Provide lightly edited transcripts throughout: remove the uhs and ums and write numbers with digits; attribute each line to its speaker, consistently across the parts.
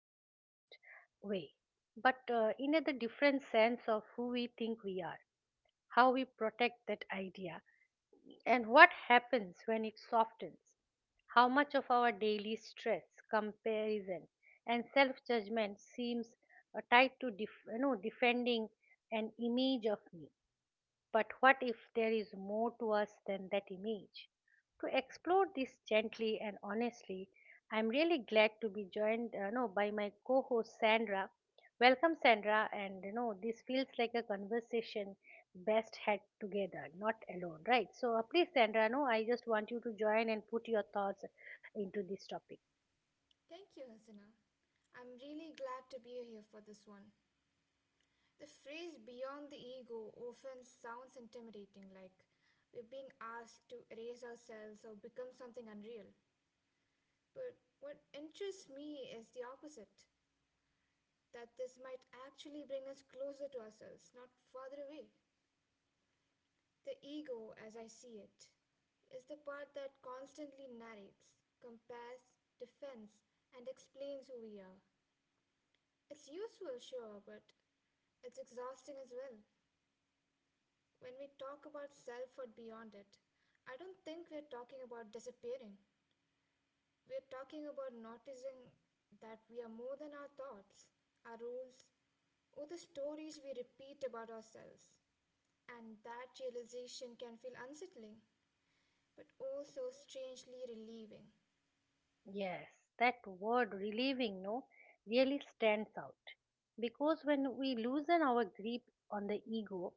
Speaker 1: abstract way, but in a the different sense of who we think we are, how we protect that idea, and what happens when it softens? How much of our daily stress, comparison, and self judgment seems tied to defending an image of me? But what if there is more to us than that image? To explore this gently and honestly, I am really glad to be joined no, by my co host Sandra. Welcome, Sandra, and this feels like a conversation best had together, not alone, right? So, please, Sandra, no, I just want you to join and put your thoughts into this topic.
Speaker 2: Thank you, Hasina. I'm really glad to be here for this one. The phrase beyond the ego often sounds intimidating, like we're being asked to erase ourselves or become something unreal. But what interests me is the opposite that this might actually bring us closer to ourselves, not farther away. The ego, as I see it, is the part that constantly narrates, compares, defends, and explains who we are. It's useful, sure, but it's exhausting as well. When we talk about self or beyond it, I don't think we're talking about disappearing. We're talking about noticing that we are more than our thoughts, our rules, or the stories we repeat about ourselves. And that realization can feel unsettling, but also strangely relieving.
Speaker 1: Yes, that word relieving no really stands out because when we loosen our grip on the ego,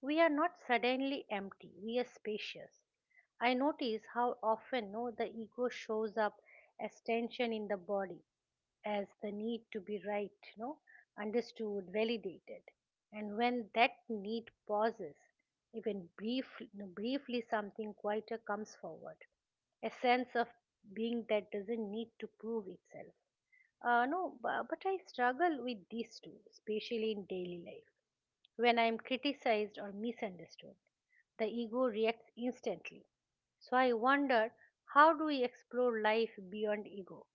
Speaker 1: we are not suddenly empty, we are spacious. I notice how often no, the ego shows up as tension in the body, as the need to be right, no, understood, validated. And when that need pauses, even brief, no, briefly, something quieter comes forward, a sense of being that doesn't need to prove itself. No, bu- but I struggle with these two, especially in daily life, when I'm criticized or misunderstood the ego reacts instantly. So I wonder, how do we explore life beyond ego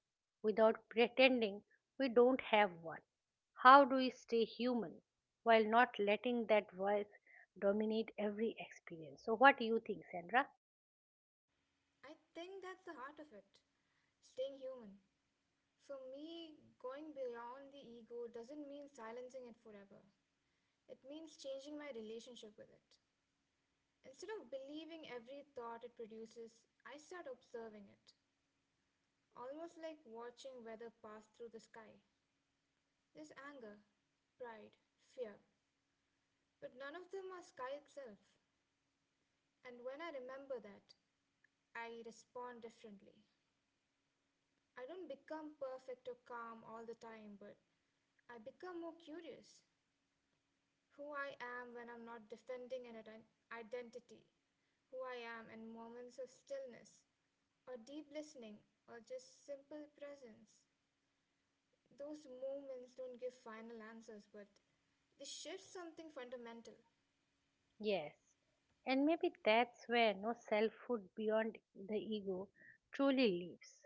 Speaker 1: without pretending we don't have one? How do we stay human while not letting that voice dominate every experience? So what do you think, Sandra?
Speaker 2: I think that's the heart of it staying human. For me, going beyond the ego doesn't mean silencing it forever. It means changing my relationship with it. Instead of believing every thought it produces, I start observing it, almost like watching weather pass through the sky. There's anger, pride, fear, but none of them are sky itself. And when I remember that, I respond differently. I don't become perfect or calm all the time, but I become more curious, who I am when I'm not defending an identity, who I am in moments of stillness, or deep listening, or just simple presence. Those moments don't give final answers, but they shift something fundamental.
Speaker 1: Yes. And maybe that's where no selfhood beyond the ego truly lives,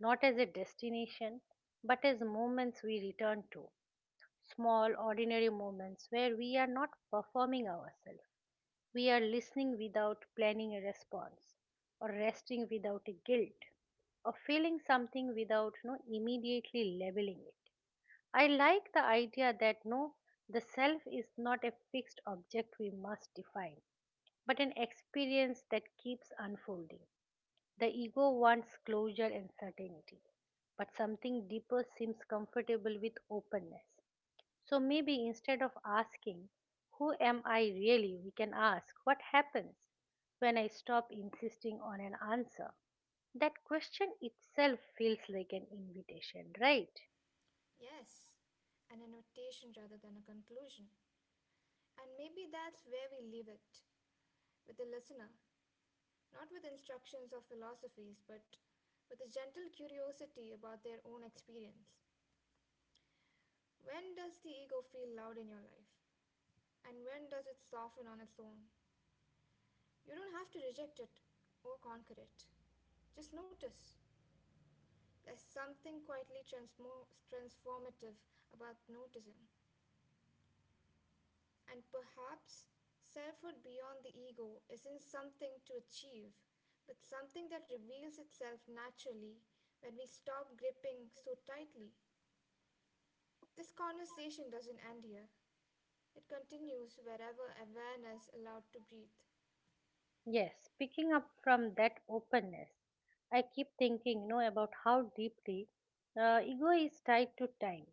Speaker 1: not as a destination, but as moments we return to, small, ordinary moments where we are not performing ourselves. We are listening without planning a response, or resting without a guilt, or feeling something without no immediately labeling it. I like the idea that the self is not a fixed object we must define, but an experience that keeps unfolding. The ego wants closure and certainty, but something deeper seems comfortable with openness. So maybe instead of asking, who am I really? We can ask, what happens when I stop insisting on an answer? That question itself feels like an invitation, right?
Speaker 2: Yes, an annotation rather than a conclusion. And maybe that's where we leave it with the listener, not with instructions or philosophies, but with a gentle curiosity about their own experience. When does the ego feel loud in your life? And when does it soften on its own? You don't have to reject it or conquer it. Just notice. There's something quietly transformative about noticing. And perhaps selfhood beyond the ego isn't something to achieve, but something that reveals itself naturally when we stop gripping so tightly. This conversation doesn't end here, it continues wherever awareness is allowed to breathe.
Speaker 1: Yes, picking up from that openness, I keep thinking, about how deeply ego is tied to time.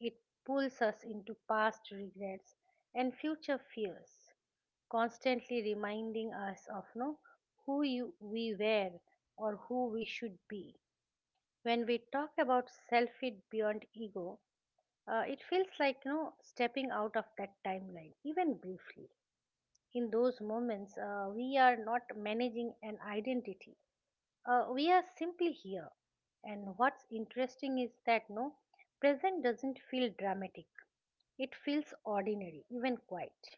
Speaker 1: It pulls us into past regrets and future fears, constantly reminding us of no we were or who we should be. When we talk about selfhood beyond ego, it feels like stepping out of that timeline, even briefly. In those moments, we are not managing an identity. We are simply here. And what's interesting is that present doesn't feel dramatic. It feels ordinary, even quiet,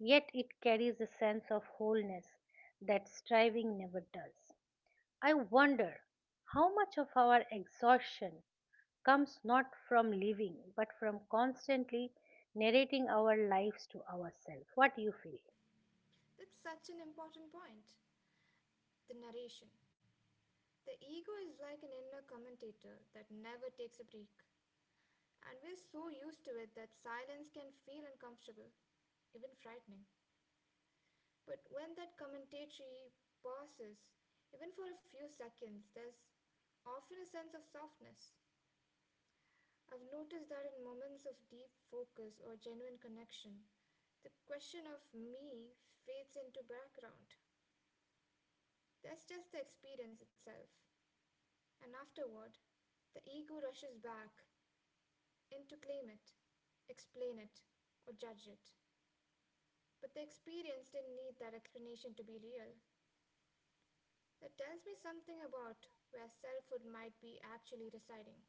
Speaker 1: yet it carries a sense of wholeness that striving never does. I wonder how much of our exhaustion comes not from living but from constantly narrating our lives to ourselves. What do you feel?
Speaker 2: That's such an important point. The narration. The ego is like an inner commentator that never takes a break. And we're so used to it that silence can feel uncomfortable, even frightening. But when that commentatory pauses, even for a few seconds, there's often a sense of softness. I've noticed that in moments of deep focus or genuine connection, the question of me fades into background. That's just the experience itself. And afterward the ego rushes back in to claim it, explain it, or judge it. But the experience didn't need that explanation to be real. That tells me something about where selfhood might be actually residing.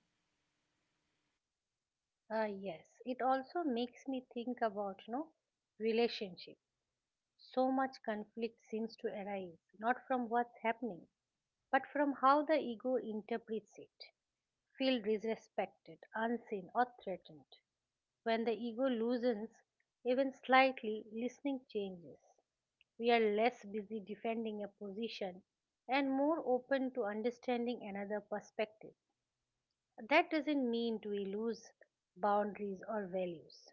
Speaker 1: Yes, it also makes me think about no relationship. So much conflict seems to arise not from what's happening, but from how the ego interprets it. Feel disrespected, unseen, or threatened. When the ego loosens even slightly, listening changes. We are less busy defending a position and more open to understanding another perspective. That doesn't mean we lose boundaries or values.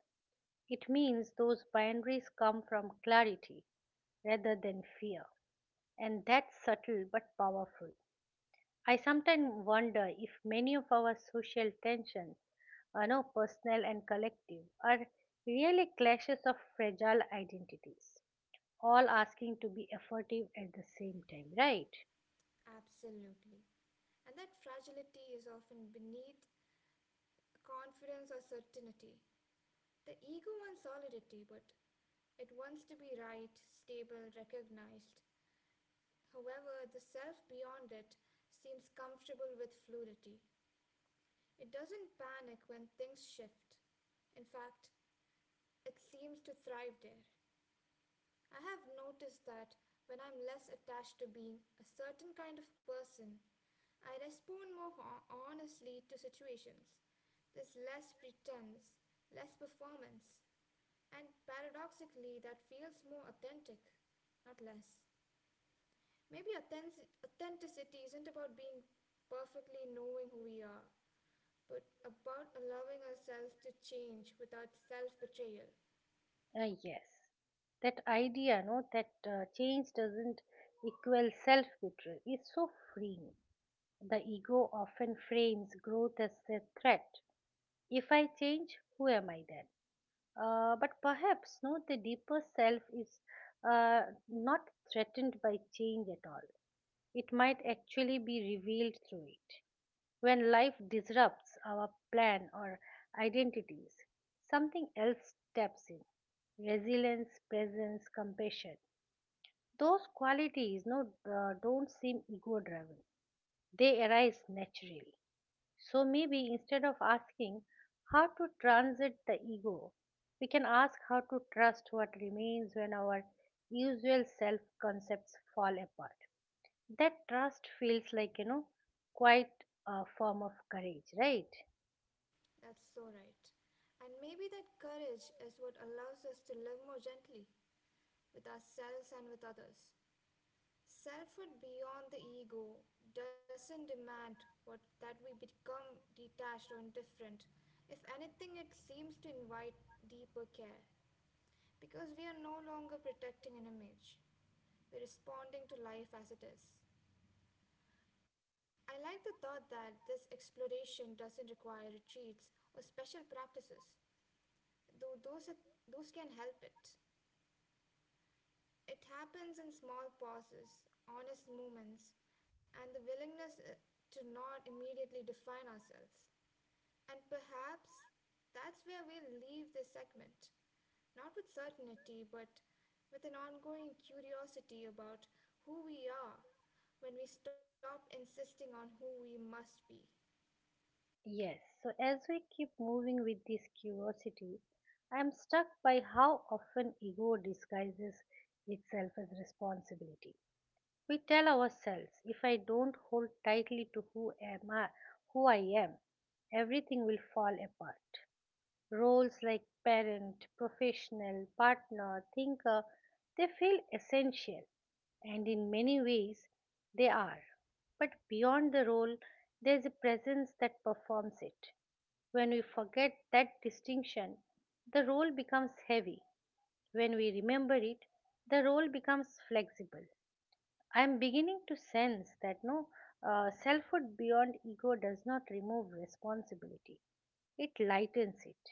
Speaker 1: It means those boundaries come from clarity rather than fear. And that's subtle but powerful. I sometimes wonder if many of our social tensions, no, personal and collective, are really clashes of fragile identities, all asking to be effective at the same time, right?
Speaker 2: Absolutely. And that fragility is often beneath confidence or certainty. The ego wants solidity, but it wants to be right, stable, recognized. However, the self beyond it seems comfortable with fluidity. It doesn't panic when things shift. In fact, it seems to thrive there. I have noticed that when I'm less attached to being a certain kind of person, I respond more honestly to situations. There's less pretense, less performance, and paradoxically, that feels more authentic, not less. Maybe authenticity isn't about being perfectly knowing who we are, but about allowing ourselves to change without self betrayal.
Speaker 1: Yes. That idea, that change doesn't equal self betrayal is so freeing. The ego often frames growth as a threat. If I change, who am I then? But perhaps no, the deeper self is uh, not threatened by change at all. It might actually be revealed through it. When life disrupts our plan or identities, something else steps in. Resilience, presence, compassion. Those qualities don't seem ego driven, they arise naturally. So maybe instead of asking how to transit the ego, we can ask how to trust what remains when our usual self concepts fall apart. That trust feels like, quite a form of courage, right?
Speaker 2: That's so right. And maybe that courage is what allows us to live more gently with ourselves and with others. Selfhood beyond the ego doesn't demand what, that we become detached or indifferent. If anything, it seems to invite deeper care because we are no longer protecting an image. We're responding to life as it is. I like the thought that this exploration doesn't require retreats or special practices, though those, are, those can help it. It happens in small pauses, honest moments, and the willingness to not immediately define ourselves. And perhaps that's where we'll leave this segment. Not with certainty, but with an ongoing curiosity about who we are when we stop insisting on who we must be.
Speaker 1: Yes. So as we keep moving with this curiosity, I'm struck by how often ego disguises itself as responsibility. We tell ourselves if I don't hold tightly to who I am, everything will fall apart. Roles like parent, professional, partner, thinker, they feel essential, and in many ways they are. But beyond the role, there's a presence that performs it. When we forget that distinction, the role becomes heavy. When we remember it, the role becomes flexible. I am beginning to sense that no selfhood beyond ego does not remove responsibility. It lightens it.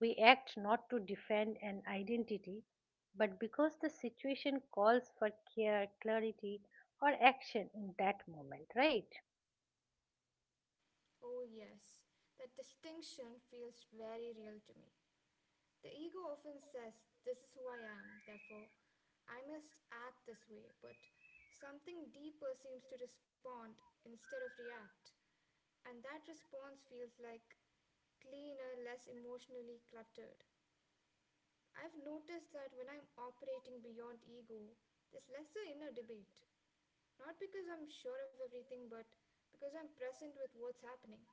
Speaker 1: We act not to defend an identity, but because the situation calls for care, clarity, or action in that moment, right?
Speaker 2: Oh, yes, that distinction feels very real to me. The ego often says, "This is who I am, therefore I must act this way," but something deeper seems to respond instead of react. And that response feels like cleaner, less emotionally cluttered. I've noticed that when I'm operating beyond ego, there's lesser inner debate. Not because I'm sure of everything, but because I'm present with what's happening.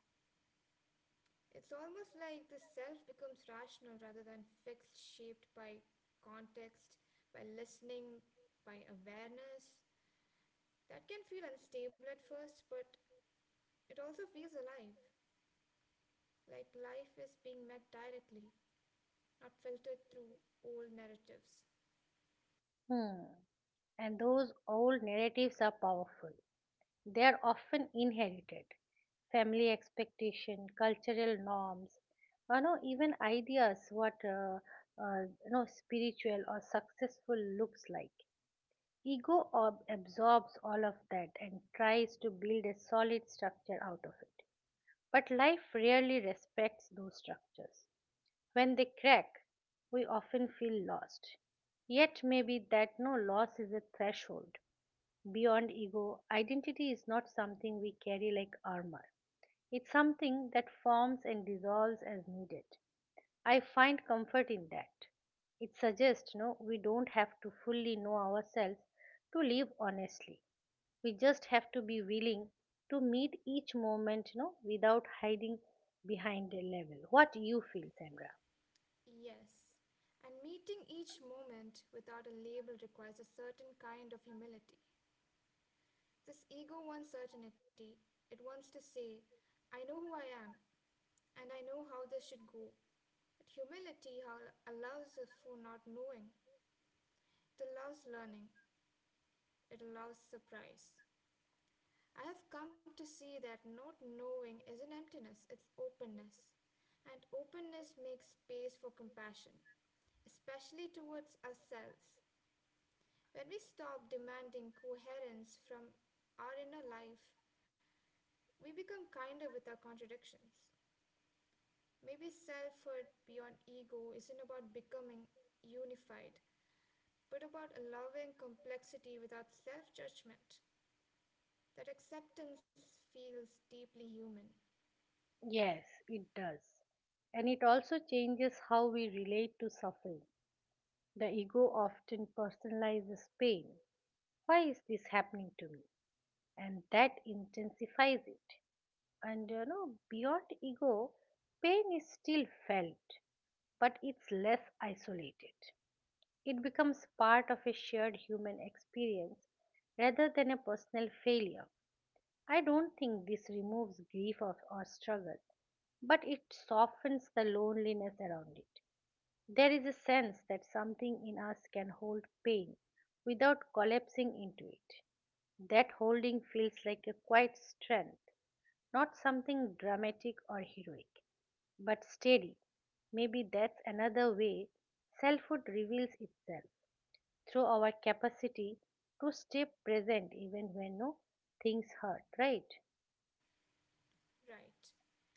Speaker 2: It's almost like the self becomes rational rather than fixed, shaped by context, by listening, by awareness. That can feel unstable at first, but it also feels alive, like life is being met directly. Not filtered through old narratives.
Speaker 1: Hmm. And those old narratives are powerful. They are often inherited. Family expectation, cultural norms, even ideas what spiritual or successful looks like. Ego absorbs all of that and tries to build a solid structure out of it. But life rarely respects those structures. When they crack, we often feel lost. Yet maybe that no loss is a threshold. Beyond ego, identity is not something we carry like armor. It's something that forms and dissolves as needed. I find comfort in that. It suggests we don't have to fully know ourselves to live honestly. We just have to be willing to meet each moment without hiding behind a level. What you feel, Sandra?
Speaker 2: Yes. And meeting each moment without a label requires a certain kind of humility. This ego wants certainty, it wants to say, "I know who I am, and I know how this should go." But humility allows us for not knowing, it allows learning, it allows surprise. I have come to see that not knowing isn't emptiness, it's openness. And openness makes space for compassion, especially towards ourselves. When we stop demanding coherence from our inner life, we become kinder with our contradictions. Maybe selfhood beyond ego isn't about becoming unified, but about allowing complexity without self judgment. That acceptance feels deeply human,
Speaker 1: Yes, it does. And it also changes how we relate to suffering. The ego often personalizes pain. Why is this happening to me? And that intensifies it. And beyond ego, pain is still felt, but it's less isolated. It becomes part of a shared human experience rather than a personal failure. I don't think this removes grief or struggle, but it softens the loneliness around it. There is a sense that something in us can hold pain without collapsing into it. That holding feels like a quiet strength, not something dramatic or heroic, but steady. Maybe that's another way selfhood reveals itself, through our capacity to stay present even when no things hurt, right?
Speaker 2: right?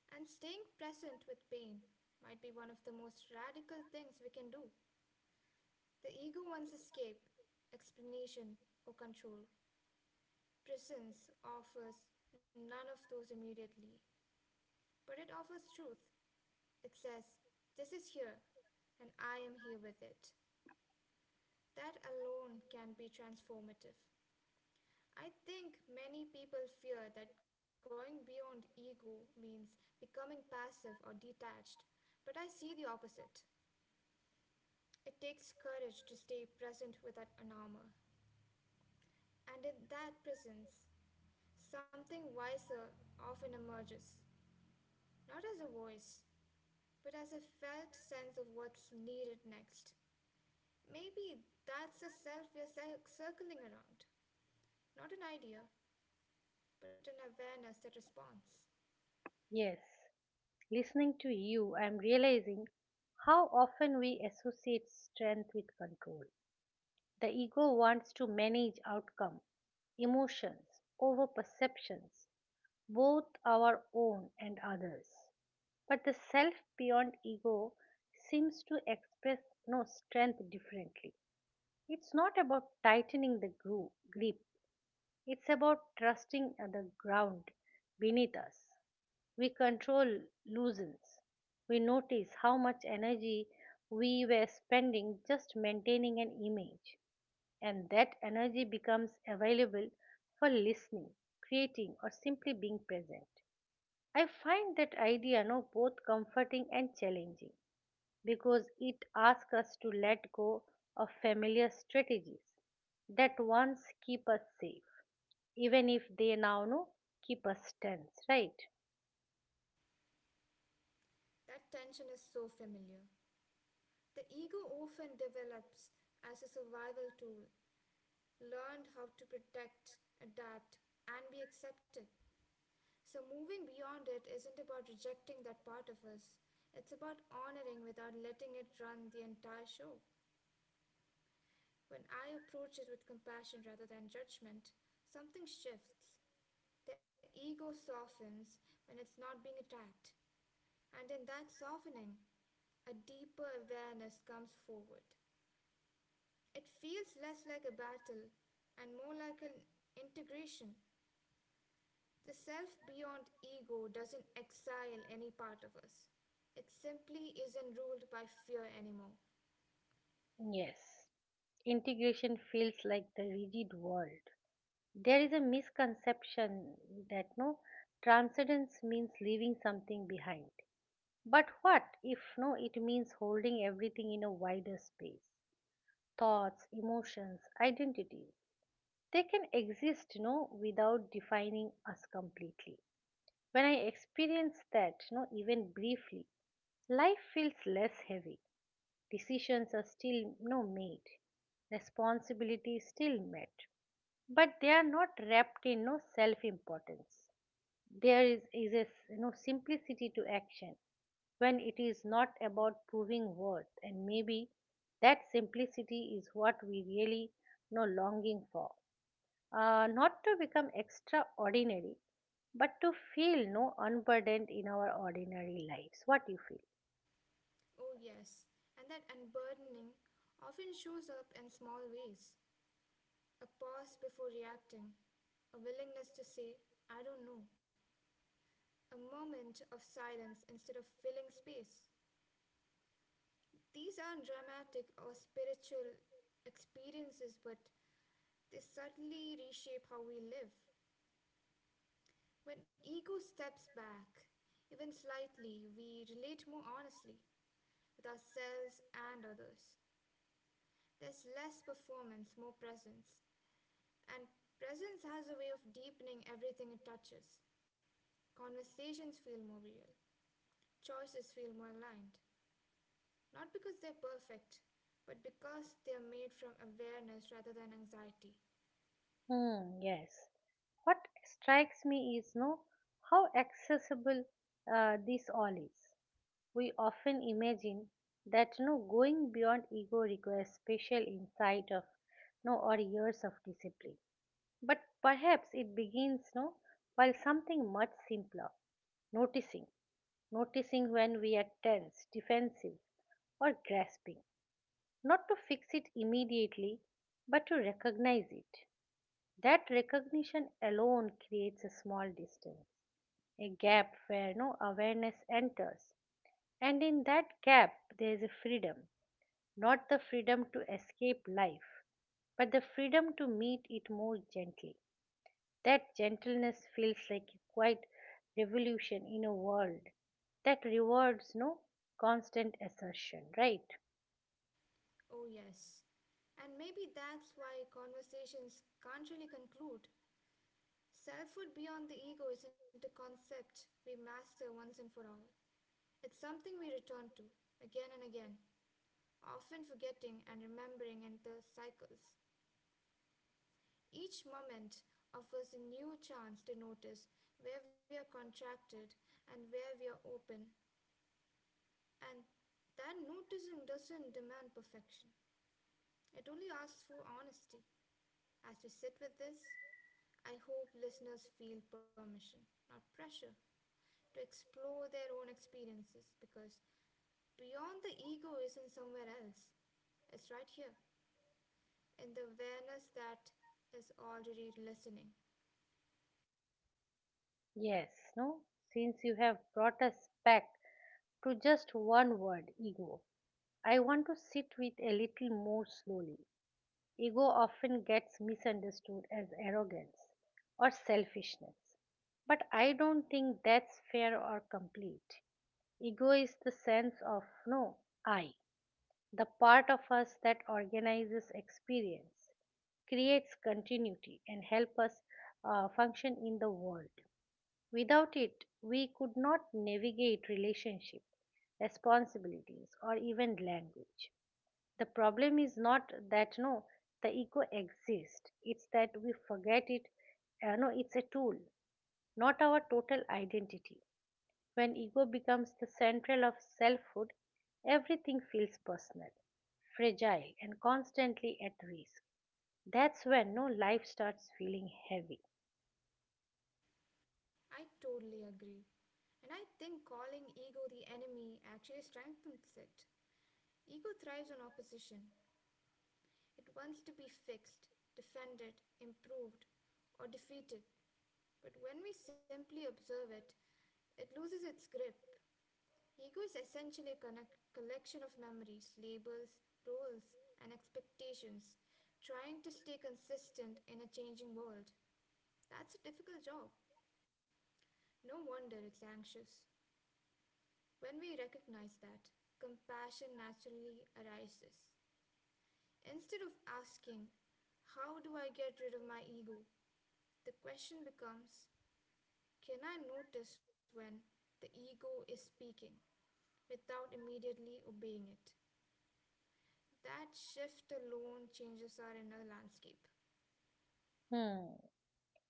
Speaker 2: And staying present with pain might be one of the most radical things we can do. The ego wants escape, explanation, or control. Presence offers none of those immediately, but it offers truth. It says, "This is here, and I am here with it." That alone can be transformative. I think many people fear that going beyond ego means becoming passive or detached, but I see the opposite. It takes courage to stay present with without armor, and in that presence, something wiser often emerges, not as a voice, but as a felt sense of what's needed next. Maybe that's the self we are circling around. Not an idea, but an awareness that responds.
Speaker 1: Yes. Listening to you, I am realizing how often we associate strength with control. The ego wants to manage outcome, emotions over perceptions, both our own and others. But the self beyond ego seems to express no strength differently. It's not about tightening the grip, it's about trusting the ground beneath us. We control loosens. We notice how much energy we were spending just maintaining an image, and that energy becomes available for listening, creating, or simply being present. I find that idea no both comforting and challenging, because it asks us to let go of familiar strategies that once keep us safe, even if they now no keep us tense, right?
Speaker 2: That tension is so familiar. The ego often develops as a survival tool, learned how to protect, adapt, and be accepted. So, moving beyond it isn't about rejecting that part of us, it's about honoring without letting it run the entire show. When I approach it with compassion rather than judgment, something shifts. The ego softens when it's not being attacked, and in that softening, a deeper awareness comes forward. It feels less like a battle and more like an integration. The self beyond ego doesn't exile any part of us. It simply isn't ruled by fear anymore.
Speaker 1: Yes. Integration feels like the rigid world. There is a misconception that no transcendence means leaving something behind, but what if no it means holding everything in a wider space? Thoughts, emotions, identity, they can exist without defining us completely. When I experience that, no even briefly, life feels less heavy. Decisions are still no made, responsibilities still met, but they are not wrapped in no self importance. There is a simplicity to action when it is not about proving worth. And maybe that simplicity is what we really longing for, not to become extraordinary, but to feel no unburdened in our ordinary lives. What do you feel?
Speaker 2: Oh, yes, and that unburdening often shows up in small ways. A pause before reacting, a willingness to say, "I don't know," a moment of silence instead of filling space. These aren't dramatic or spiritual experiences, but they subtly reshape how we live. When ego steps back, even slightly, we relate more honestly with ourselves and others. There's less performance, more presence. And presence has a way of deepening everything it touches. Conversations feel more real. Choices feel more aligned, not because they're perfect, but because they're made from awareness rather than anxiety.
Speaker 1: Hmm, yes. What strikes me is no how accessible this all is. We often imagine that no going beyond ego requires special insight of no or years of discipline, but perhaps it begins no while something much simpler, noticing, noticing when we are tense, defensive, or grasping, not to fix it immediately but to recognize it. That recognition alone creates a small distance, a gap where no awareness enters. And in that gap there is a freedom, not the freedom to escape life, but the freedom to meet it more gently. That gentleness feels like a quiet revolution in a world that rewards no constant assertion, right?
Speaker 2: Oh, yes. And maybe that's why conversations can't really conclude. Selfhood beyond the ego isn't a concept we master once and for all. It's something we return to again and again, often forgetting and remembering in the cycles. Each moment offers a new chance to notice where we are contracted and where we are open. And that noticing doesn't demand perfection, it only asks for honesty. As you sit with this, I hope listeners feel permission, not pressure, to explore their own experiences because beyond the ego isn't somewhere else. It's right here, in the awareness that is already listening.
Speaker 1: Yes, no? Since you have brought us back to just one word, ego, I want to sit with a little more slowly. Ego often gets misunderstood as arrogance or selfishness, but I don't think that's fair or complete. Ego is the sense of no, I, the part of us that organizes experience, creates continuity, and helps us function in the world. Without it, we could not navigate relationships, responsibilities, or even language. The problem is not that no the ego exists. It's that we forget it no it's a tool, not our total identity. When ego becomes the central of selfhood, everything feels personal, fragile, and constantly at risk. That's when no life starts feeling heavy.
Speaker 2: I totally agree. And I think calling ego the enemy actually strengthens it. Ego thrives on opposition. It wants to be fixed, defended, improved, or defeated, but when we simply observe it, it loses its grip. Ego is essentially a collection of memories, labels, roles, and expectations, trying to stay consistent in a changing world. That's a difficult job. No wonder it's anxious. When we recognize that, compassion naturally arises. Instead of asking, "How do I get rid of my ego?" the question becomes, can I notice when the ego is speaking without immediately obeying it? That shift alone changes our inner landscape.
Speaker 1: Hmm.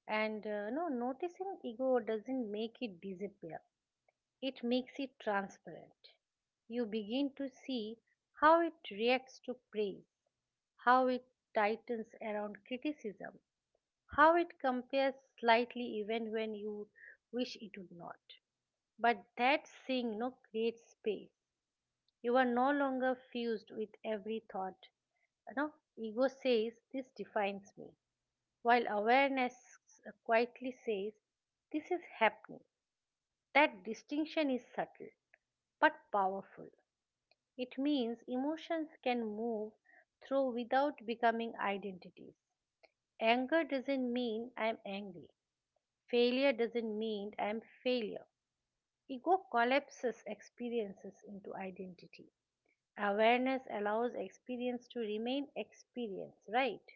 Speaker 1: And noticing ego doesn't make it disappear, it makes it transparent. You begin to see how it reacts to praise, how it tightens around criticism, how it compares slightly even when you wish it would not. But that seeing no creates space. You are no longer fused with every thought. You know, ego says this defines me, while awareness quietly says this is happening. That distinction is subtle but powerful. It means emotions can move through without becoming identities. Anger doesn't mean I'm angry. Failure doesn't mean I'm failure. Ego collapses experiences into identity. Awareness allows experience to remain experience, right?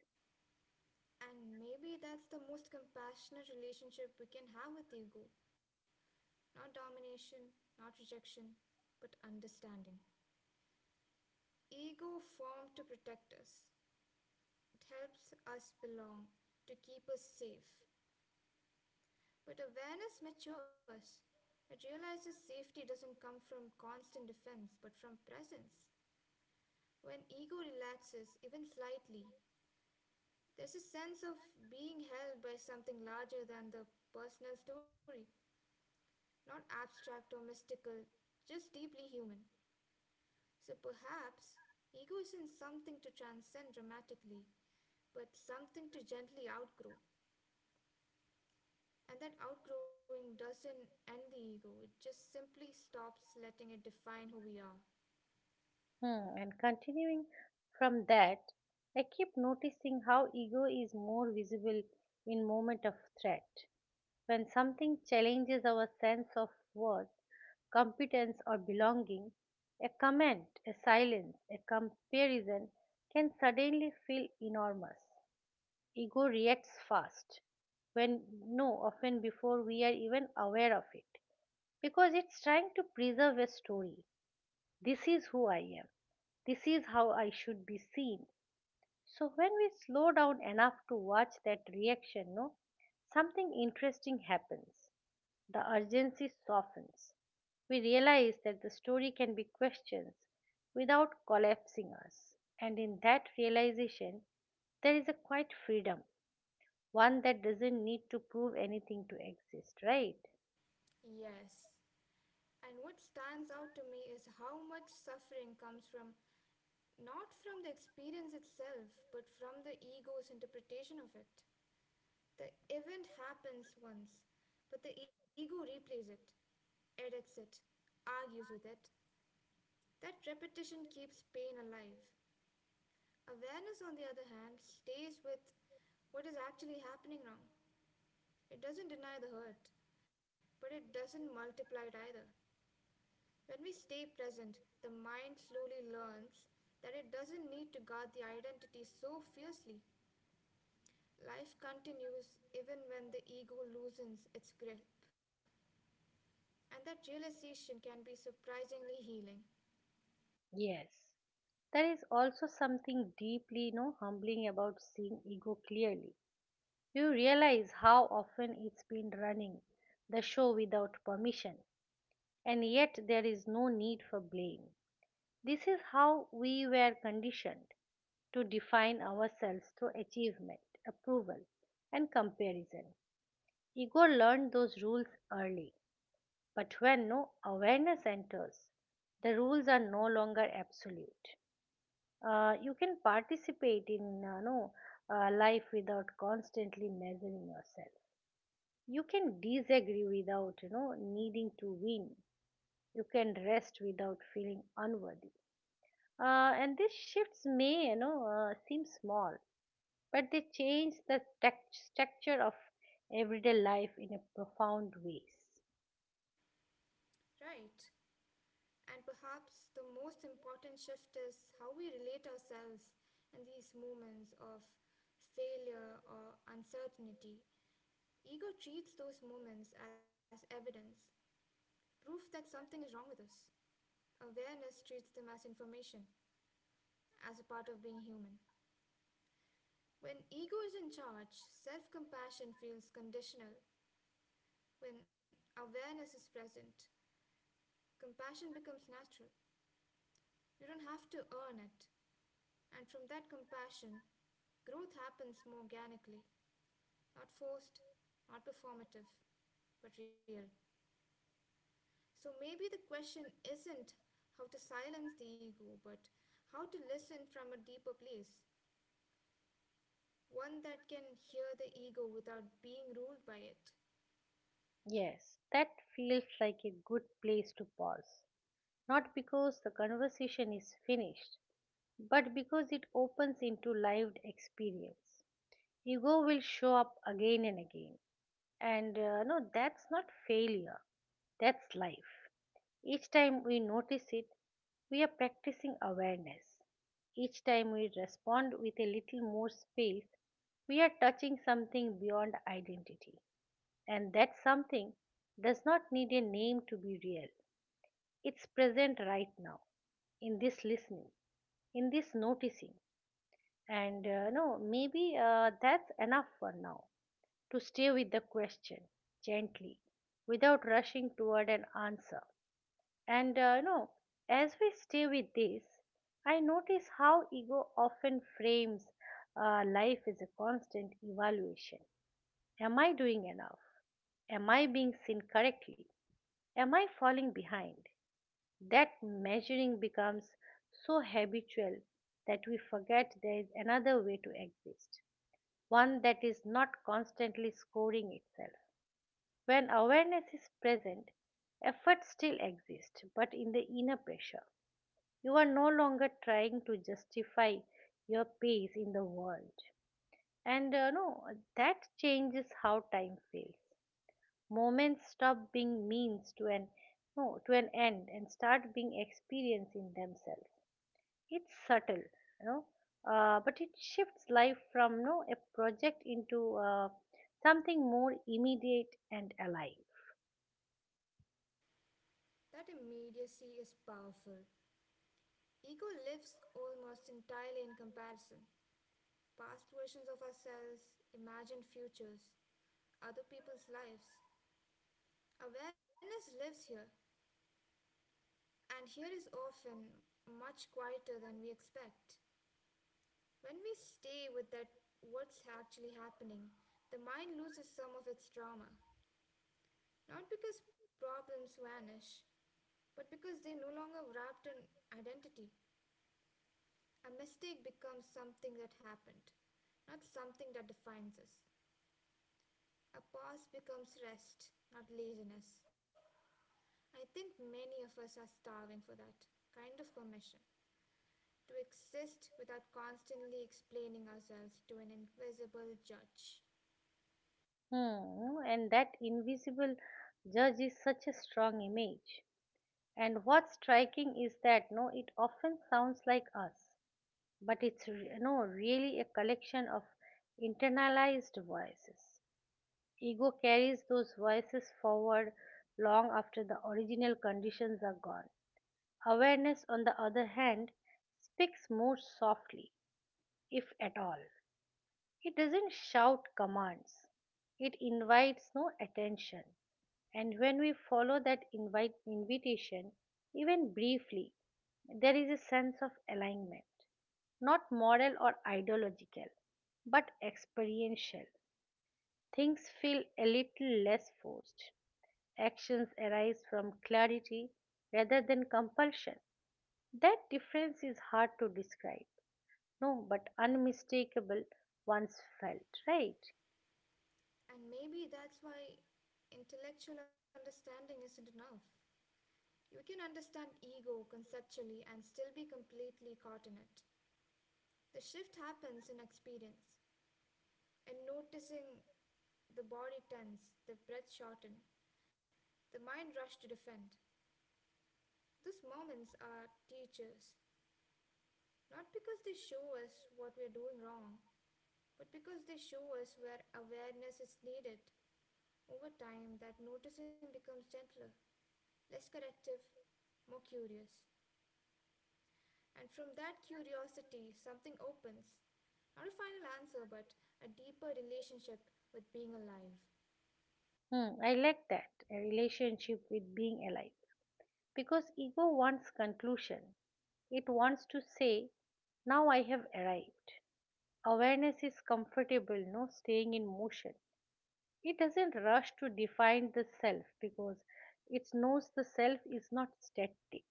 Speaker 2: And maybe that's the most compassionate relationship we can have with ego. Not domination, not rejection, but understanding. Ego formed to protect us, it helps us belong, to keep us safe. But awareness matures. It realizes safety doesn't come from constant defense, but from presence. When ego relaxes, even slightly, there's a sense of being held by something larger than the personal story, not abstract or mystical, just deeply human. So perhaps ego isn't something to transcend dramatically, but something to gently outgrow. And that outgrowing doesn't end the ego, it just simply stops letting it define who we are.
Speaker 1: Hmm. And continuing from that, I keep noticing how ego is more visible in moment of threat. When something challenges our sense of worth, competence or belonging, a comment, a silence, a comparison can suddenly feel enormous. Ego reacts fast, when no, often before we are even aware of it, because it's trying to preserve a story. This is who I am. This is how I should be seen. So when we slow down enough to watch that reaction, no, something interesting happens. The urgency softens. We realize that the story can be questioned without collapsing us. And in that realization, there is a quiet freedom, one that doesn't need to prove anything to exist, right?
Speaker 2: Yes. And what stands out to me is how much suffering comes from not from the experience itself, but from the ego's interpretation of it. The event happens once, but the ego replays it, edits it, argues with it. That repetition keeps pain alive. Awareness, on the other hand, stays with what is actually happening now. It doesn't deny the hurt, but it doesn't multiply it either. When we stay present, the mind slowly learns that it doesn't need to guard the identity so fiercely. Life continues even when the ego loosens its grip. And that realization can be surprisingly healing.
Speaker 1: Yes. There is also something deeply, you know, humbling about seeing ego clearly. You realize how often it's been running the show without permission, and yet there is no need for blame. This is how we were conditioned to define ourselves through achievement, approval, and comparison. Ego learned those rules early, but when no awareness enters, the rules are no longer absolute. You can participate in life without constantly measuring yourself. You can disagree without, you know, needing to win. You can rest without feeling unworthy. And these shifts may, you know, seem small, but they change the structure of everyday life in a profound ways.
Speaker 2: Right. And perhaps the most important shift is how we relate ourselves in these moments of failure or uncertainty. Ego treats those moments as evidence, proof that something is wrong with us. Awareness treats them as information, as a part of being human. When ego is in charge, self compassion feels conditional. When awareness is present, compassion becomes natural. You don't have to earn it. And from that compassion, growth happens more organically, not forced, not performative, but real. So maybe the question isn't how to silence the ego, but how to listen from a deeper place, one that can hear the ego without being ruled by it.
Speaker 1: Yes, that feels like a good place to pause. Not because the conversation is finished, but because it opens into lived experience. Ego will show up again and again, and that's not failure. That's life. Each time we notice it, we are practicing awareness. Each time we respond with a little more space, we are touching something beyond identity. And that something does not need a name to be real. It's present right now, in this listening, in this noticing. And no, maybe that's enough for now to stay with the question gently, without rushing toward an answer. And you know, as we stay with this, I notice how ego often frames life as a constant evaluation. Am I doing enough? Am I being seen correctly? Am I falling behind? That measuring becomes so habitual that we forget there is another way to exist, one that is not constantly scoring itself. When awareness is present, effort still exists, but in the inner pressure you are no longer trying to justify your pace in the world. And no, that changes how time feels. Moments stop being means to an no to an end and start being experienced in themselves. It's subtle, you know, but it shifts life from no a project into something more immediate and alive.
Speaker 2: That immediacy is powerful. Ego lives almost entirely in comparison. Past versions of ourselves, imagined futures, other people's lives. Awareness lives here, and here is often much quieter than we expect. When we stay with that, what's actually happening, the mind loses some of its drama. Not because problems vanish, but because they no longer wrapped in identity, a mistake becomes something that happened, not something that defines us. A pause becomes rest, not laziness. I think many of us are starving for that kind of permission to exist without constantly explaining ourselves to an invisible judge.
Speaker 1: Hmm, and that invisible judge is such a strong image. And what's striking is that no, it often sounds like us, but it's re- no really a collection of internalized voices. Ego carries those voices forward long after the original conditions are gone. Awareness, on the other hand, speaks more softly, if at all. It doesn't shout commands. It invites no attention. And when we follow that invite invitation, even briefly, there is a sense of alignment, not moral or ideological, but experiential. Things feel a little less forced. Actions arise from clarity rather than compulsion. That difference is hard to describe, no, but unmistakable once felt, right?
Speaker 2: And maybe that's why intellectual understanding isn't enough. You can understand ego conceptually and still be completely caught in it. The shift happens in experience, in noticing the body tense, the breath shorten, the mind rush to defend. Those moments are teachers, not because they show us what we are doing wrong, but because they show us where awareness is needed. Over time, that noticing becomes gentler, less corrective, more curious. And from that curiosity, something opens. Not a final answer, but a deeper relationship with being alive.
Speaker 1: Hmm, I like that, a relationship with being alive, because ego wants conclusion. It wants to say, now I have arrived. Awareness is comfortable, no staying in motion. It doesn't rush to define the self because it knows the self is not static.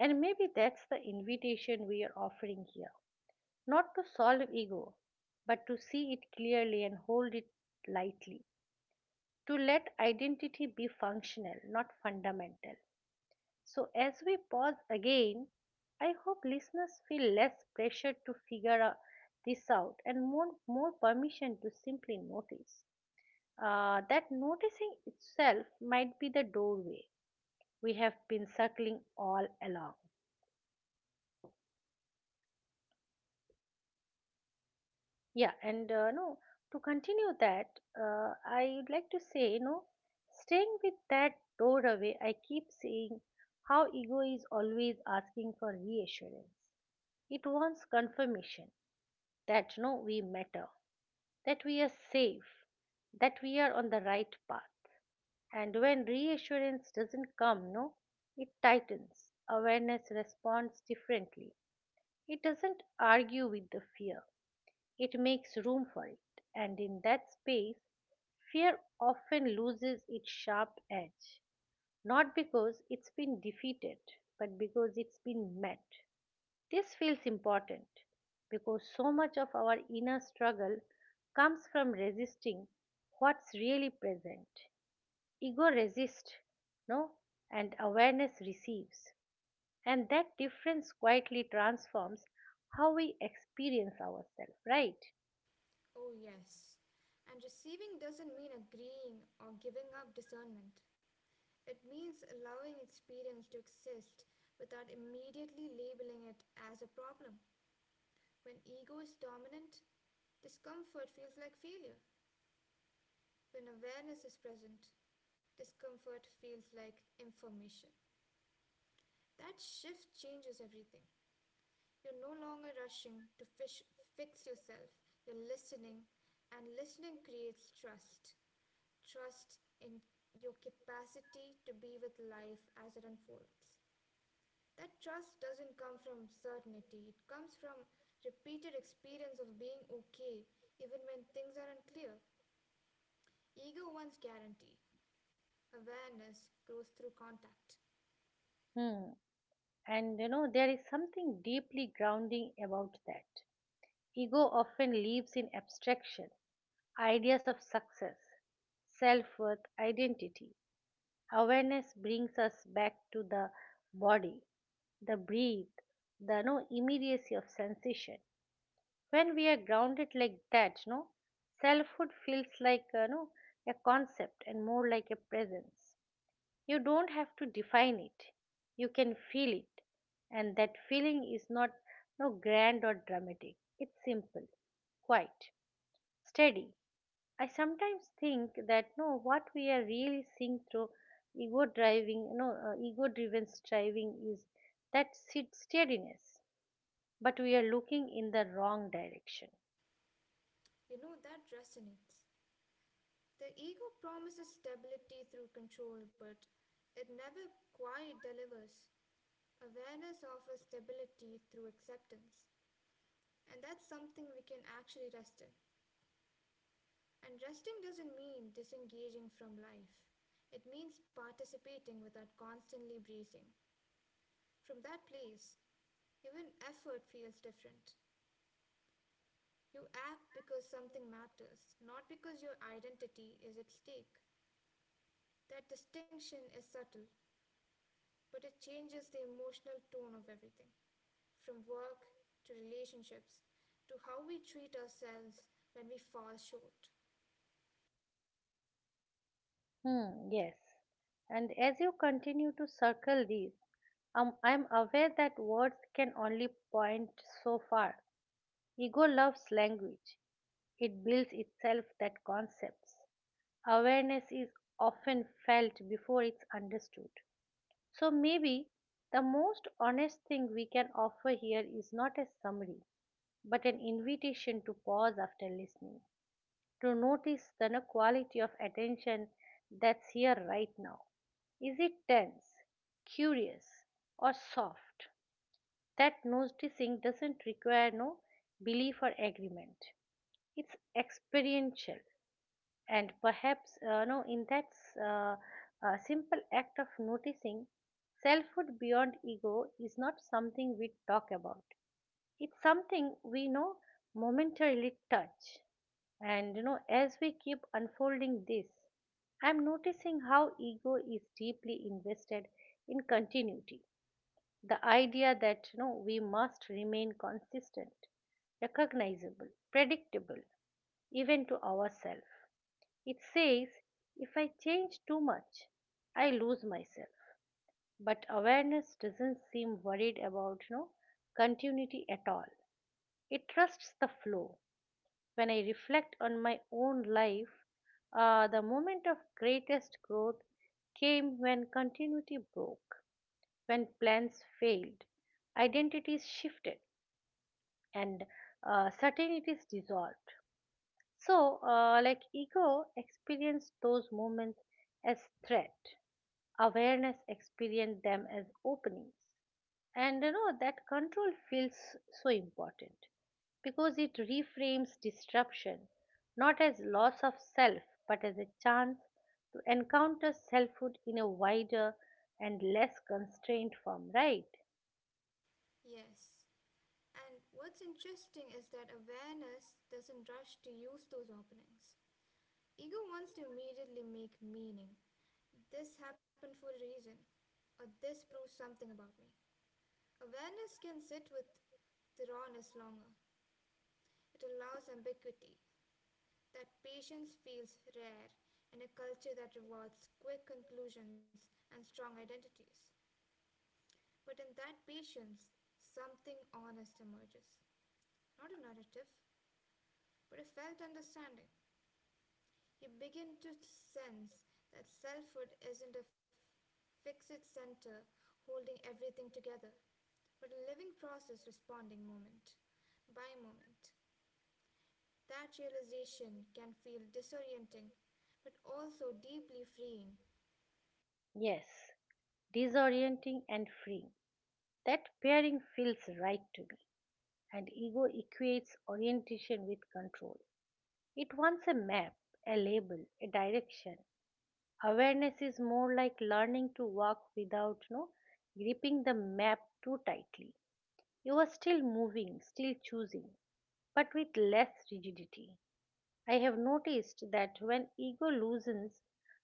Speaker 1: And maybe that's the invitation we are offering here. Not to solve ego, but to see it clearly and hold it lightly. To let identity be functional, not fundamental. So, as we pause again, I hope listeners feel less pressure to figure out this out and more permission to simply notice. That noticing itself might be the doorway we have been circling all along. Yeah, and no, to continue that, I would like to say, no, staying with that doorway, I keep seeing how ego is always asking for reassurance. It wants confirmation that no we matter, that we are safe, that we are on the right path. And when reassurance doesn't come, no, it tightens. Awareness responds differently. It doesn't argue with the fear. It makes room for it. And in that space, fear often loses its sharp edge. Not because it's been defeated, but because it's been met. This feels important because so much of our inner struggle comes from resisting what's really present. Ego resists, no, and awareness receives. And that difference quietly transforms how we experience ourselves, right?
Speaker 2: Oh, yes. And receiving doesn't mean agreeing or giving up discernment. It means allowing experience to exist without immediately labeling it as a problem. When ego is dominant, discomfort feels like failure. When awareness is present, discomfort feels like information. That shift changes everything. You're no longer rushing to fix yourself, you're listening, and listening creates trust. Trust in your capacity to be with life as it unfolds. That trust doesn't come from certainty, it comes from repeated experience of being okay even when things are not clear. Ego wants guarantee, awareness grows through contact.
Speaker 1: Hmm. And you know, there is something deeply grounding about that. Ego often lives in abstraction, ideas of success, self worth, identity. Awareness brings us back to the body, the breath, the no immediacy of sensation. When we are grounded like that, selfhood feels like no a concept and more like a presence. You don't have to define it, you can feel it. And that feeling is not no grand or dramatic. It's simple, quiet, steady. I sometimes think that no, what we are really seeing through ego driving, no, ego driven striving is that steadiness, but we are looking in the wrong direction.
Speaker 2: You know that resonates. The ego promises stability through control, but it never quite delivers. Awareness offers stability through acceptance, and that's something we can actually rest in. And resting doesn't mean disengaging from life, it means participating without constantly breathing. From that place, even effort feels different. You act because something matters, not because your identity is at stake. That distinction is subtle, but it changes the emotional tone of everything from work to relationships to how we treat ourselves when we fall short.
Speaker 1: Hmm, yes. And as you continue to circle these, I'm aware that words can only point so far. Ego loves language, it builds itself that concepts. Awareness is often felt before it's understood. So maybe the most honest thing we can offer here is not a summary, but an invitation to pause after listening, to notice the no, quality of attention that's here right now. Is it tense, curious, or soft? That noticing doesn't require no belief or agreement. It's experiential, and perhaps no in that uh, simple act of noticing selfhood beyond ego is not something we talk about, it's something we know, momentarily touch. And you know, as we keep unfolding this, I'm noticing how ego is deeply invested in continuity, the idea that, you know, we must remain consistent, recognizable, predictable, even to ourselves. It says, if I change too much, I lose myself. But awareness doesn't seem worried about, you know, continuity at all. It trusts the flow. When I reflect on my own life, the moment of greatest growth came when continuity broke, when plans failed, identities shifted, and certainties dissolved. So, like ego experienced those moments as threat, awareness experience them as openings. And you know that control feels so important because it reframes disruption not as loss of self but as a chance to encounter selfhood in a wider and less constrained form, right?
Speaker 2: Yes. And what's interesting is that awareness doesn't rush to use those openings. Ego wants to immediately make meaning. This happened for a reason, or this proves something about me. Awareness can sit with the rawness longer. It allows ambiguity. That patience feels rare in a culture that rewards quick conclusions and strong identities. But in that patience, something honest emerges. Not a narrative, but a felt understanding. You begin to sense that selfhood isn't fixed center holding everything together, but a living process responding moment by moment. That realization can feel disorienting, but also deeply freeing.
Speaker 1: Yes, disorienting and freeing, that pairing feels right to me. And ego equates orientation with control. It wants a map, a label, a direction. Awareness is more like learning to walk without, you know, gripping the map too tightly. You are still moving, still choosing, but with less rigidity. I have noticed that when ego loosens,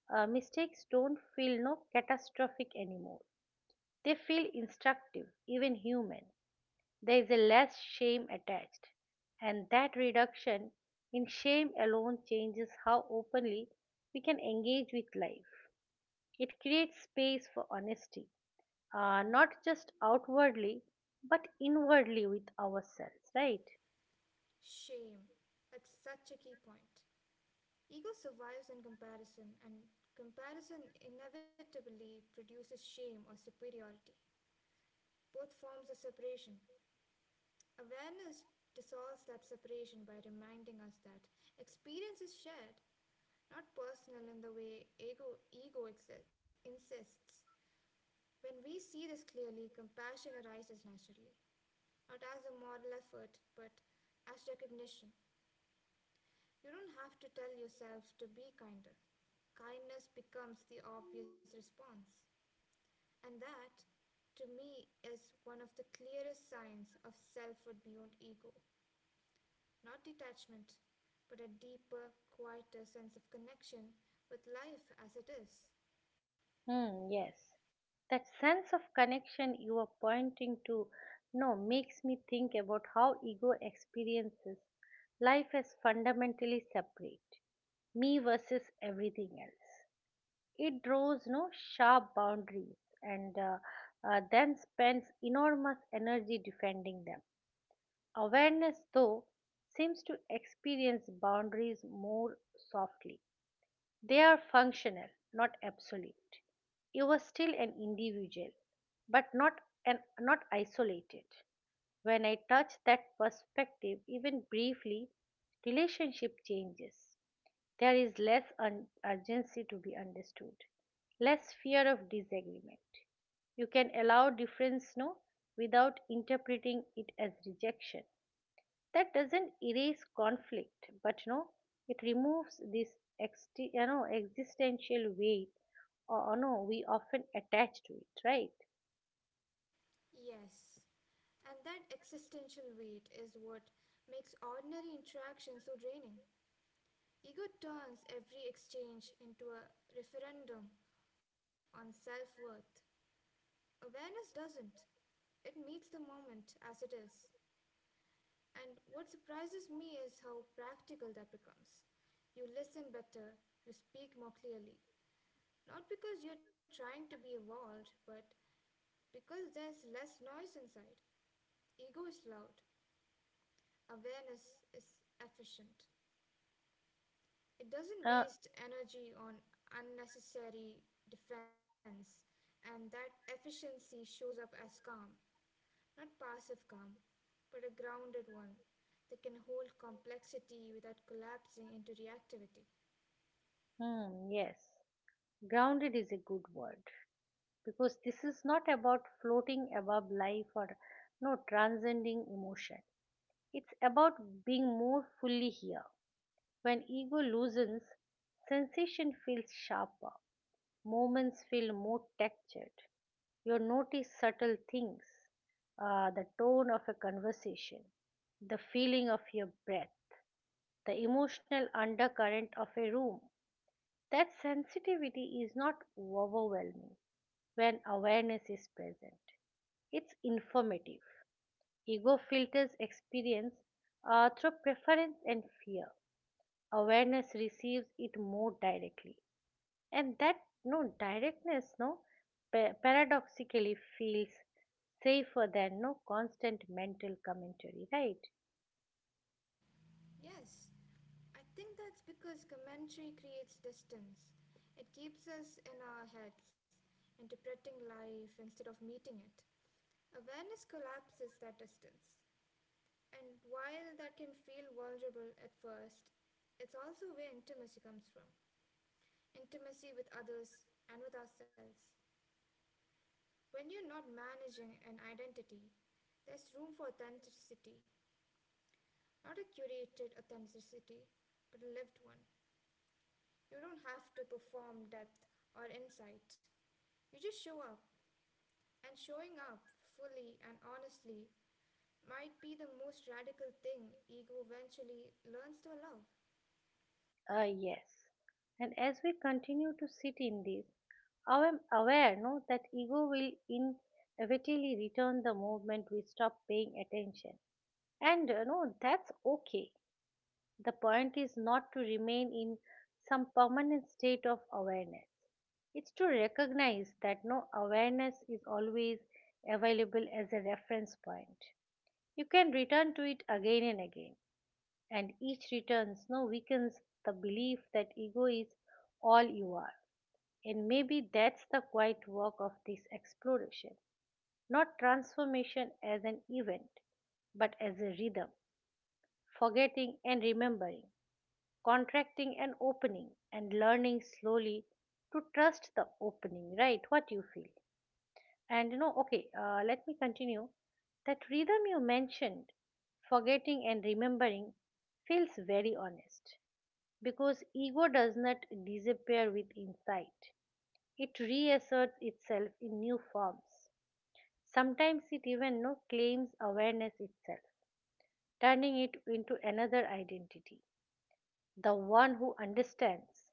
Speaker 1: mistakes don't feel no catastrophic anymore. They feel instructive, even human. There is a less shame attached, and that reduction in shame alone changes how openly we can engage with life. It creates space for honesty, not just outwardly, but inwardly with ourselves, right?
Speaker 2: Shame. That's such a key point. Ego survives on comparison, and comparison inevitably produces shame or superiority. Both forms of separation. Awareness dissolves that separation by reminding us that experience is shared, not personal in the way ego insists. When we see this clearly, compassion arises naturally, not as a moral effort, but as recognition. You don't have to tell yourself to be kinder. Kindness becomes the obvious response. And that, to me, is one of the clearest signs of selfhood beyond ego. Not detachment, but a deeper, quieter sense of connection with life as it is.
Speaker 1: Hmm, yes. That sense of connection you are pointing to no makes me think about how ego experiences life as fundamentally separate, me versus everything else. It draws no sharp boundaries, and then spends enormous energy defending them. Awareness, though, seems to experience boundaries more softly. They are functional, not absolute. You are still an individual, but not isolated. When I touch that perspective, even briefly, relationship changes. There is less urgency to be understood, less fear of disagreement. You can allow difference no without interpreting it as rejection. That doesn't erase conflict, but it removes this ex, you know existential weight or no we often attach to it, right?
Speaker 2: Yes, and that existential weight is what makes ordinary interaction so draining. Ego turns every exchange into a referendum on self worth. Awareness doesn't. It meets the moment as it is. And what surprises me is how practical that becomes. You listen better, you speak more clearly. Not because you're trying to be evolved, but because there's less noise inside. Ego is loud, awareness is efficient. It doesn't
Speaker 1: uh,
Speaker 2: waste energy on unnecessary defense, and that efficiency shows up as calm, not passive calm, but a grounded one that can hold complexity without collapsing into reactivity.
Speaker 1: yes, grounded is a good word, because this is not about floating above life or no transcending emotion. It's about being more fully here. When ego loosens, sensation feels sharper, moments feel more textured. You notice subtle things, the tone of a conversation, the feeling of your breath, the emotional undercurrent of a room. That sensitivity is not overwhelming. When awareness is present, it's informative. Ego filters experience through preference and fear. Awareness receives it more directly. And that no directness no paradoxically feels safer than no constant mental commentary, right?
Speaker 2: Yes, I think that's because commentary creates distance. It keeps us in our heads, interpreting life instead of meeting it. Awareness collapses that distance. And while that can feel vulnerable at first, it's also where intimacy comes from, intimacy with others and with ourselves. When you're not managing an identity, there's room for authenticity, not a curated authenticity, but a lived one. You don't have to perform depth or insight. You just show up, and showing up fully and honestly might be the most radical thing ego eventually learns to allow.
Speaker 1: Yes, and as we continue to sit in this, I am aware no that ego will inevitably return the moment we stop paying attention, and no that's okay. The point is not to remain in some permanent state of awareness. It's to recognize that no awareness is always available as a reference point. You can return to it again and again, and each return no weakens the belief that ego is all you are. And maybe that's the quiet work of this exploration. Not transformation as an event, but as a rhythm, forgetting and remembering, contracting and opening, and learning slowly to trust the opening, right? What you feel? And, okay, let me continue. That rhythm you mentioned, forgetting and remembering, feels very honest because ego does not disappear with insight. It reasserts itself in new forms. Sometimes it even no, claims awareness itself, turning it into another identity. The one who understands.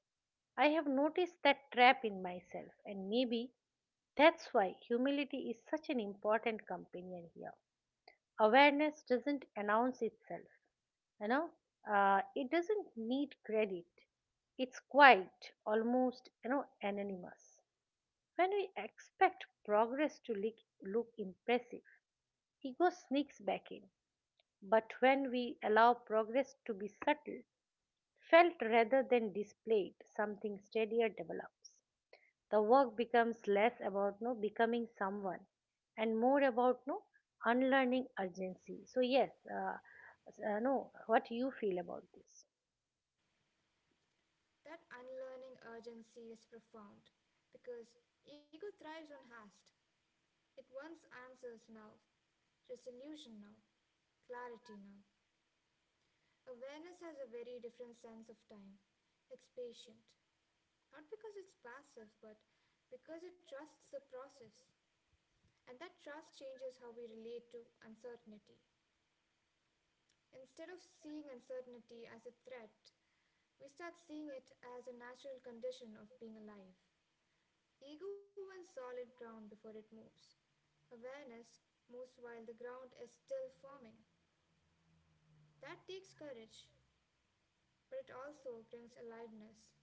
Speaker 1: I have noticed that trap in myself, and maybe that's why humility is such an important companion here. Awareness doesn't announce itself, you know it doesn't need credit. It's quite almost anonymous. When we expect progress to look, look impressive, ego sneaks back in. But when we allow progress to be subtle, felt rather than displayed, something steadier develops. The work becomes less about no becoming someone and more about no unlearning urgency. So yes, no what you feel about this.
Speaker 2: That unlearning urgency is profound because ego thrives on haste. It wants answers now, resolution now, clarity now. Awareness has a very different sense of time. It's patient. Not because it's passive, but because it trusts the process. And that trust changes how we relate to uncertainty. Instead of seeing uncertainty as a threat, we start seeing it as a natural condition of being alive. Ego wants solid ground before it moves. Awareness moves while the ground is still forming. That takes courage, but it also brings aliveness.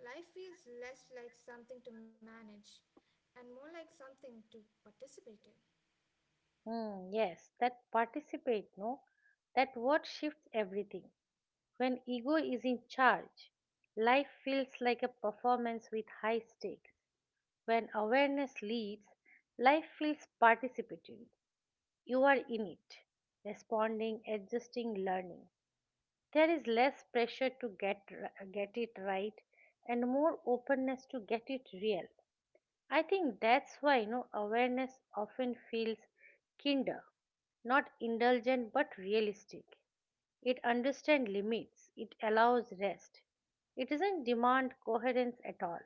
Speaker 2: Life feels less like something to manage and more like something to participate in.
Speaker 1: Hmm, yes, that participate no, that what shifts everything. When ego is in charge, life feels like a performance with high stakes. When awareness leads, life feels participatory. You are in it, responding, adjusting, learning. There is less pressure to get it right and more openness to get it real. I think that's why awareness often feels kinder, not indulgent but realistic. It understands limits. It allows rest. It doesn't demand coherence at all.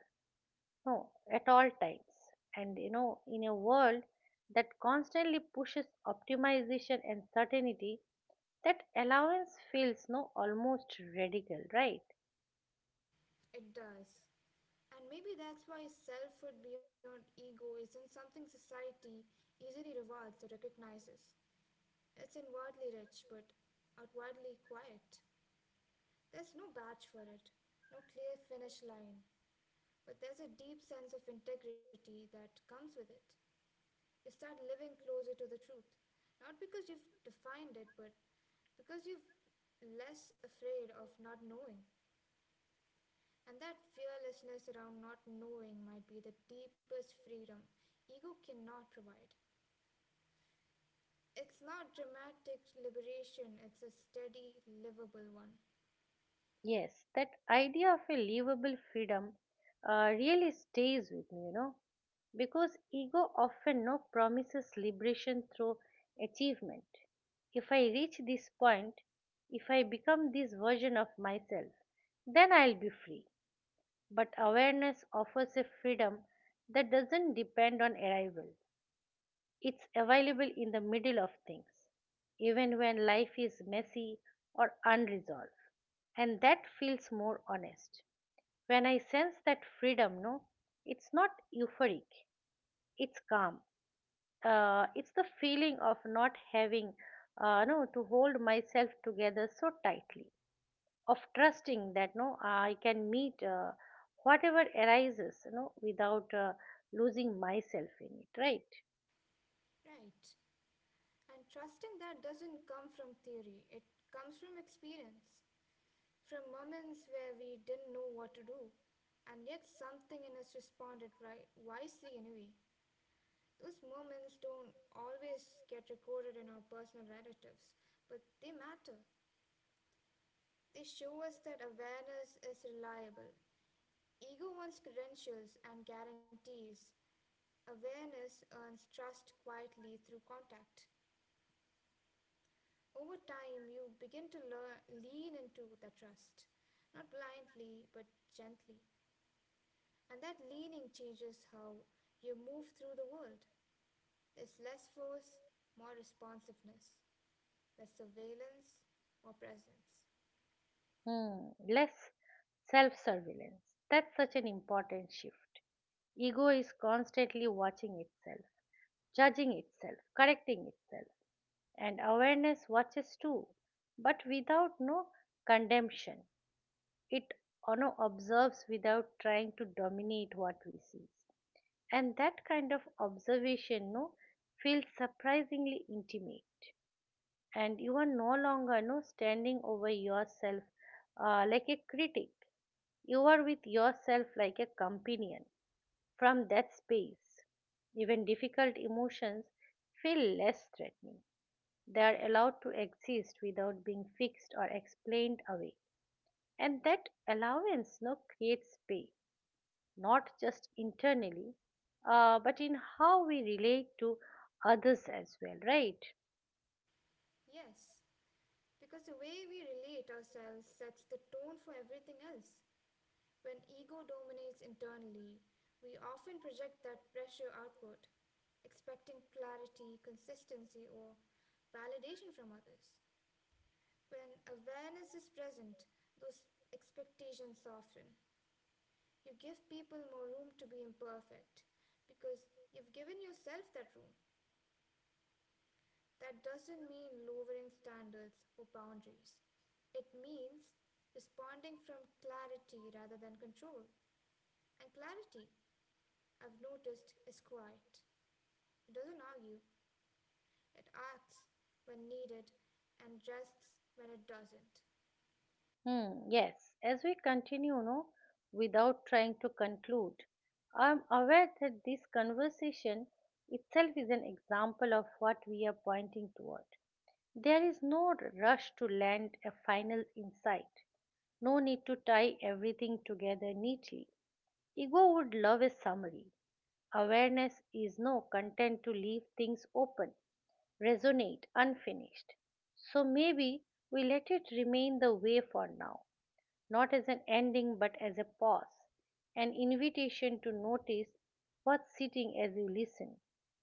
Speaker 1: No, at all times. And, in a world that constantly pushes optimization and certainty, that allowance feels no almost radical, right?
Speaker 2: It does. And maybe that's why selfhood beyond ego isn't something society easily rewards or recognizes. It's inwardly rich but outwardly quiet. There's no badge for it, no clear finish line, but there's a deep sense of integrity that comes with it. You start living closer to the truth. Not because you've defined it, but because you're less afraid of not knowing. And that fearlessness around not knowing might be the deepest freedom ego cannot provide. It's not dramatic liberation, it's a steady, livable one.
Speaker 1: Yes, that idea of a livable freedom really stays with me, because ego often no promises liberation through achievement. If I reach this point, if I become this version of myself, then I'll be free. But awareness offers a freedom that doesn't depend on arrival. It's available in the middle of things, even when life is messy or unresolved. And that feels more honest. When I sense that freedom, no, it's not euphoric, it's calm. It's the feeling of not having, no, to hold myself together so tightly, of trusting that, no, I can meet whatever arises, no, without losing myself in it, right?
Speaker 2: Right. And trusting that doesn't come from theory, it comes from experience, from moments where we didn't know what to do, and yet, something in us responded right, wisely anyway. Those moments don't always get recorded in our personal narratives, but they matter. They show us that awareness is reliable. Ego wants credentials and guarantees. Awareness earns trust quietly through contact. Over time, you begin to lean into the trust, not blindly, but gently. And that leaning changes how you move through the world. There's less force, more responsiveness, less surveillance, more presence.
Speaker 1: Hmm, less self surveillance. That's such an important shift. Ego is constantly watching itself, judging itself, correcting itself, and awareness watches too, but without no condemnation. It, observes without trying to dominate what we see. And that kind of observation no, feels surprisingly intimate. And you are no longer no standing over yourself like a critic. You are with yourself like a companion. From that space, even difficult emotions feel less threatening. They are allowed to exist without being fixed or explained away, and that allowance no creates space, not just internally, but in how we relate to others as well, right?
Speaker 2: Yes, because the way we relate ourselves sets the tone for everything else. When ego dominates internally, we often project that pressure outward, expecting clarity, consistency, or validation from others. When awareness is present, those expectations soften. You give people more room to be imperfect because you've given yourself that room. That doesn't mean lowering standards or boundaries. It means responding from clarity rather than control. And clarity, I've noticed, is quiet. It doesn't argue, it acts when needed and rests when it doesn't.
Speaker 1: Hmm, yes, as we continue, no, without trying to conclude, I'm aware that this conversation itself is an example of what we are pointing toward. There is no rush to land a final insight, no need to tie everything together neatly. Ego would love a summary. Awareness is no content to leave things open, resonate, unfinished. So maybe we let it remain the way for now, not as an ending but as a pause, an invitation to notice what's sitting as you listen.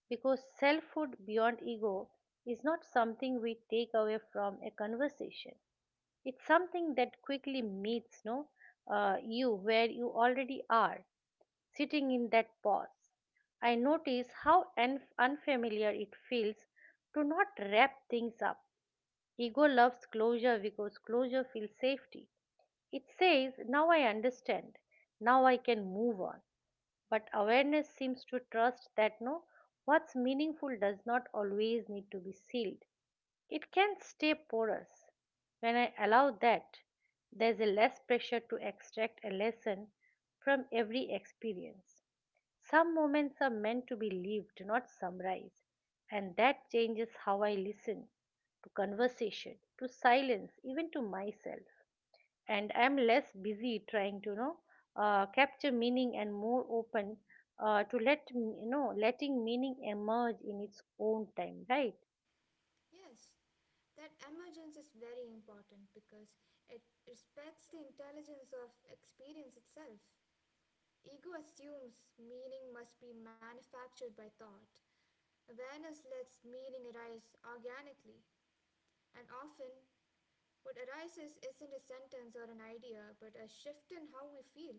Speaker 1: Because selfhood beyond ego is not something we take away from a conversation. It's something that quickly meets no you where you already are, sitting in that pause. I notice how unfamiliar it feels to not wrap things up. Ego loves closure because closure feels safety. It says, now I understand, now I can move on. But awareness seems to trust that no, what's meaningful does not always need to be sealed. It can stay porous. When I allow that, there's a less pressure to extract a lesson from every experience. Some moments are meant to be lived, not summarized, and that changes how I listen, to conversation, to silence, even to myself. And I'm less busy trying to capture meaning and more open, to letting meaning emerge in its own time, right?
Speaker 2: Yes, that emergence is very important because it respects the intelligence of experience itself. Ego assumes meaning must be manufactured by thought. Awareness lets meaning arise organically, and often what arises isn't a sentence or an idea, but a shift in how we feel,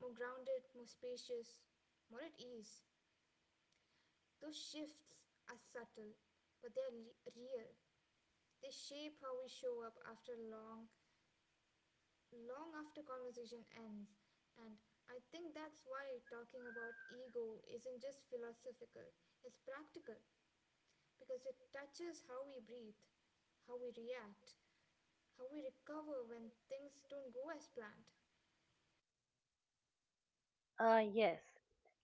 Speaker 2: more grounded, more spacious, more at ease. Those shifts are subtle, but they're real. They shape how we show up long after conversation ends. And I think that's why talking about ego isn't just philosophical, it's practical because it touches how we breathe, how we react, how we recover when things don't go as planned.
Speaker 1: Yes,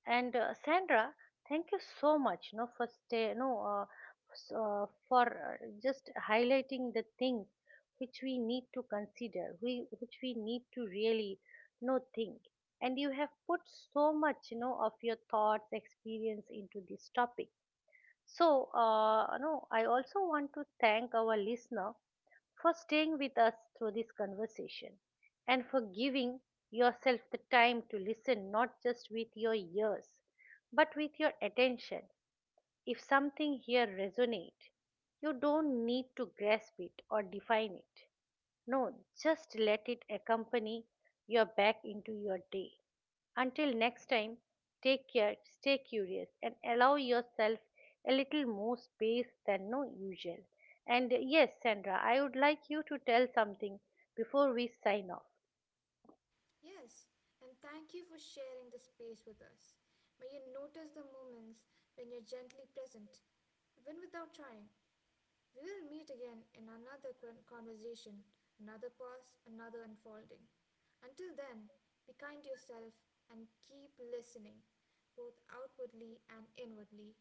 Speaker 1: and Sandra, thank you so much. For stay, no, s- for just highlighting the things which we need to consider, we which we need to really think. And you have put so much, of your thoughts, experience into this topic. So, no, I also want to thank our listener for staying with us through this conversation and for giving yourself the time to listen, not just with your ears but with your attention. If something here resonates, you don't need to grasp it or define it. No, just let it accompany your back into your day. Until next time, take care, stay curious, and allow yourself a little more space than no usual. And yes, Sandra, I would like you to tell something before we sign off.
Speaker 2: Yes, and thank you for sharing the space with us. May you notice the moments when you're gently present, even without trying. We will meet again in another conversation, another pause, another unfolding. Until then, be kind to yourself and keep listening, both outwardly and inwardly.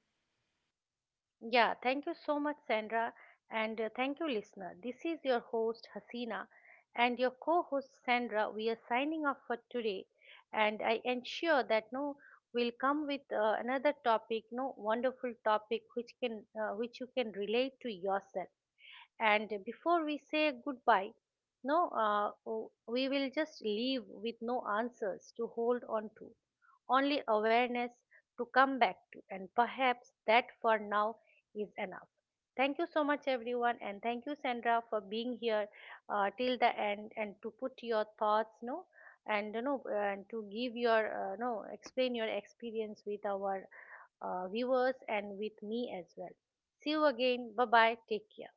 Speaker 1: Yeah, thank you so much, Sandra, and thank you, listener. This is your host, Hasina, and your co host, Sandra. We are signing off for today, and I ensure that no will come with another topic, no wonderful topic which can which you can relate to yourself. And before we say goodbye, no, we will just leave with no answers to hold on to, only awareness to come back to. And perhaps that for now is enough. Thank you so much, everyone, and thank you, Sandra, for being here till the end and to put your thoughts, no, and, and to give your, no, explain your experience with our viewers and with me as well. See you again. Bye bye. Take care.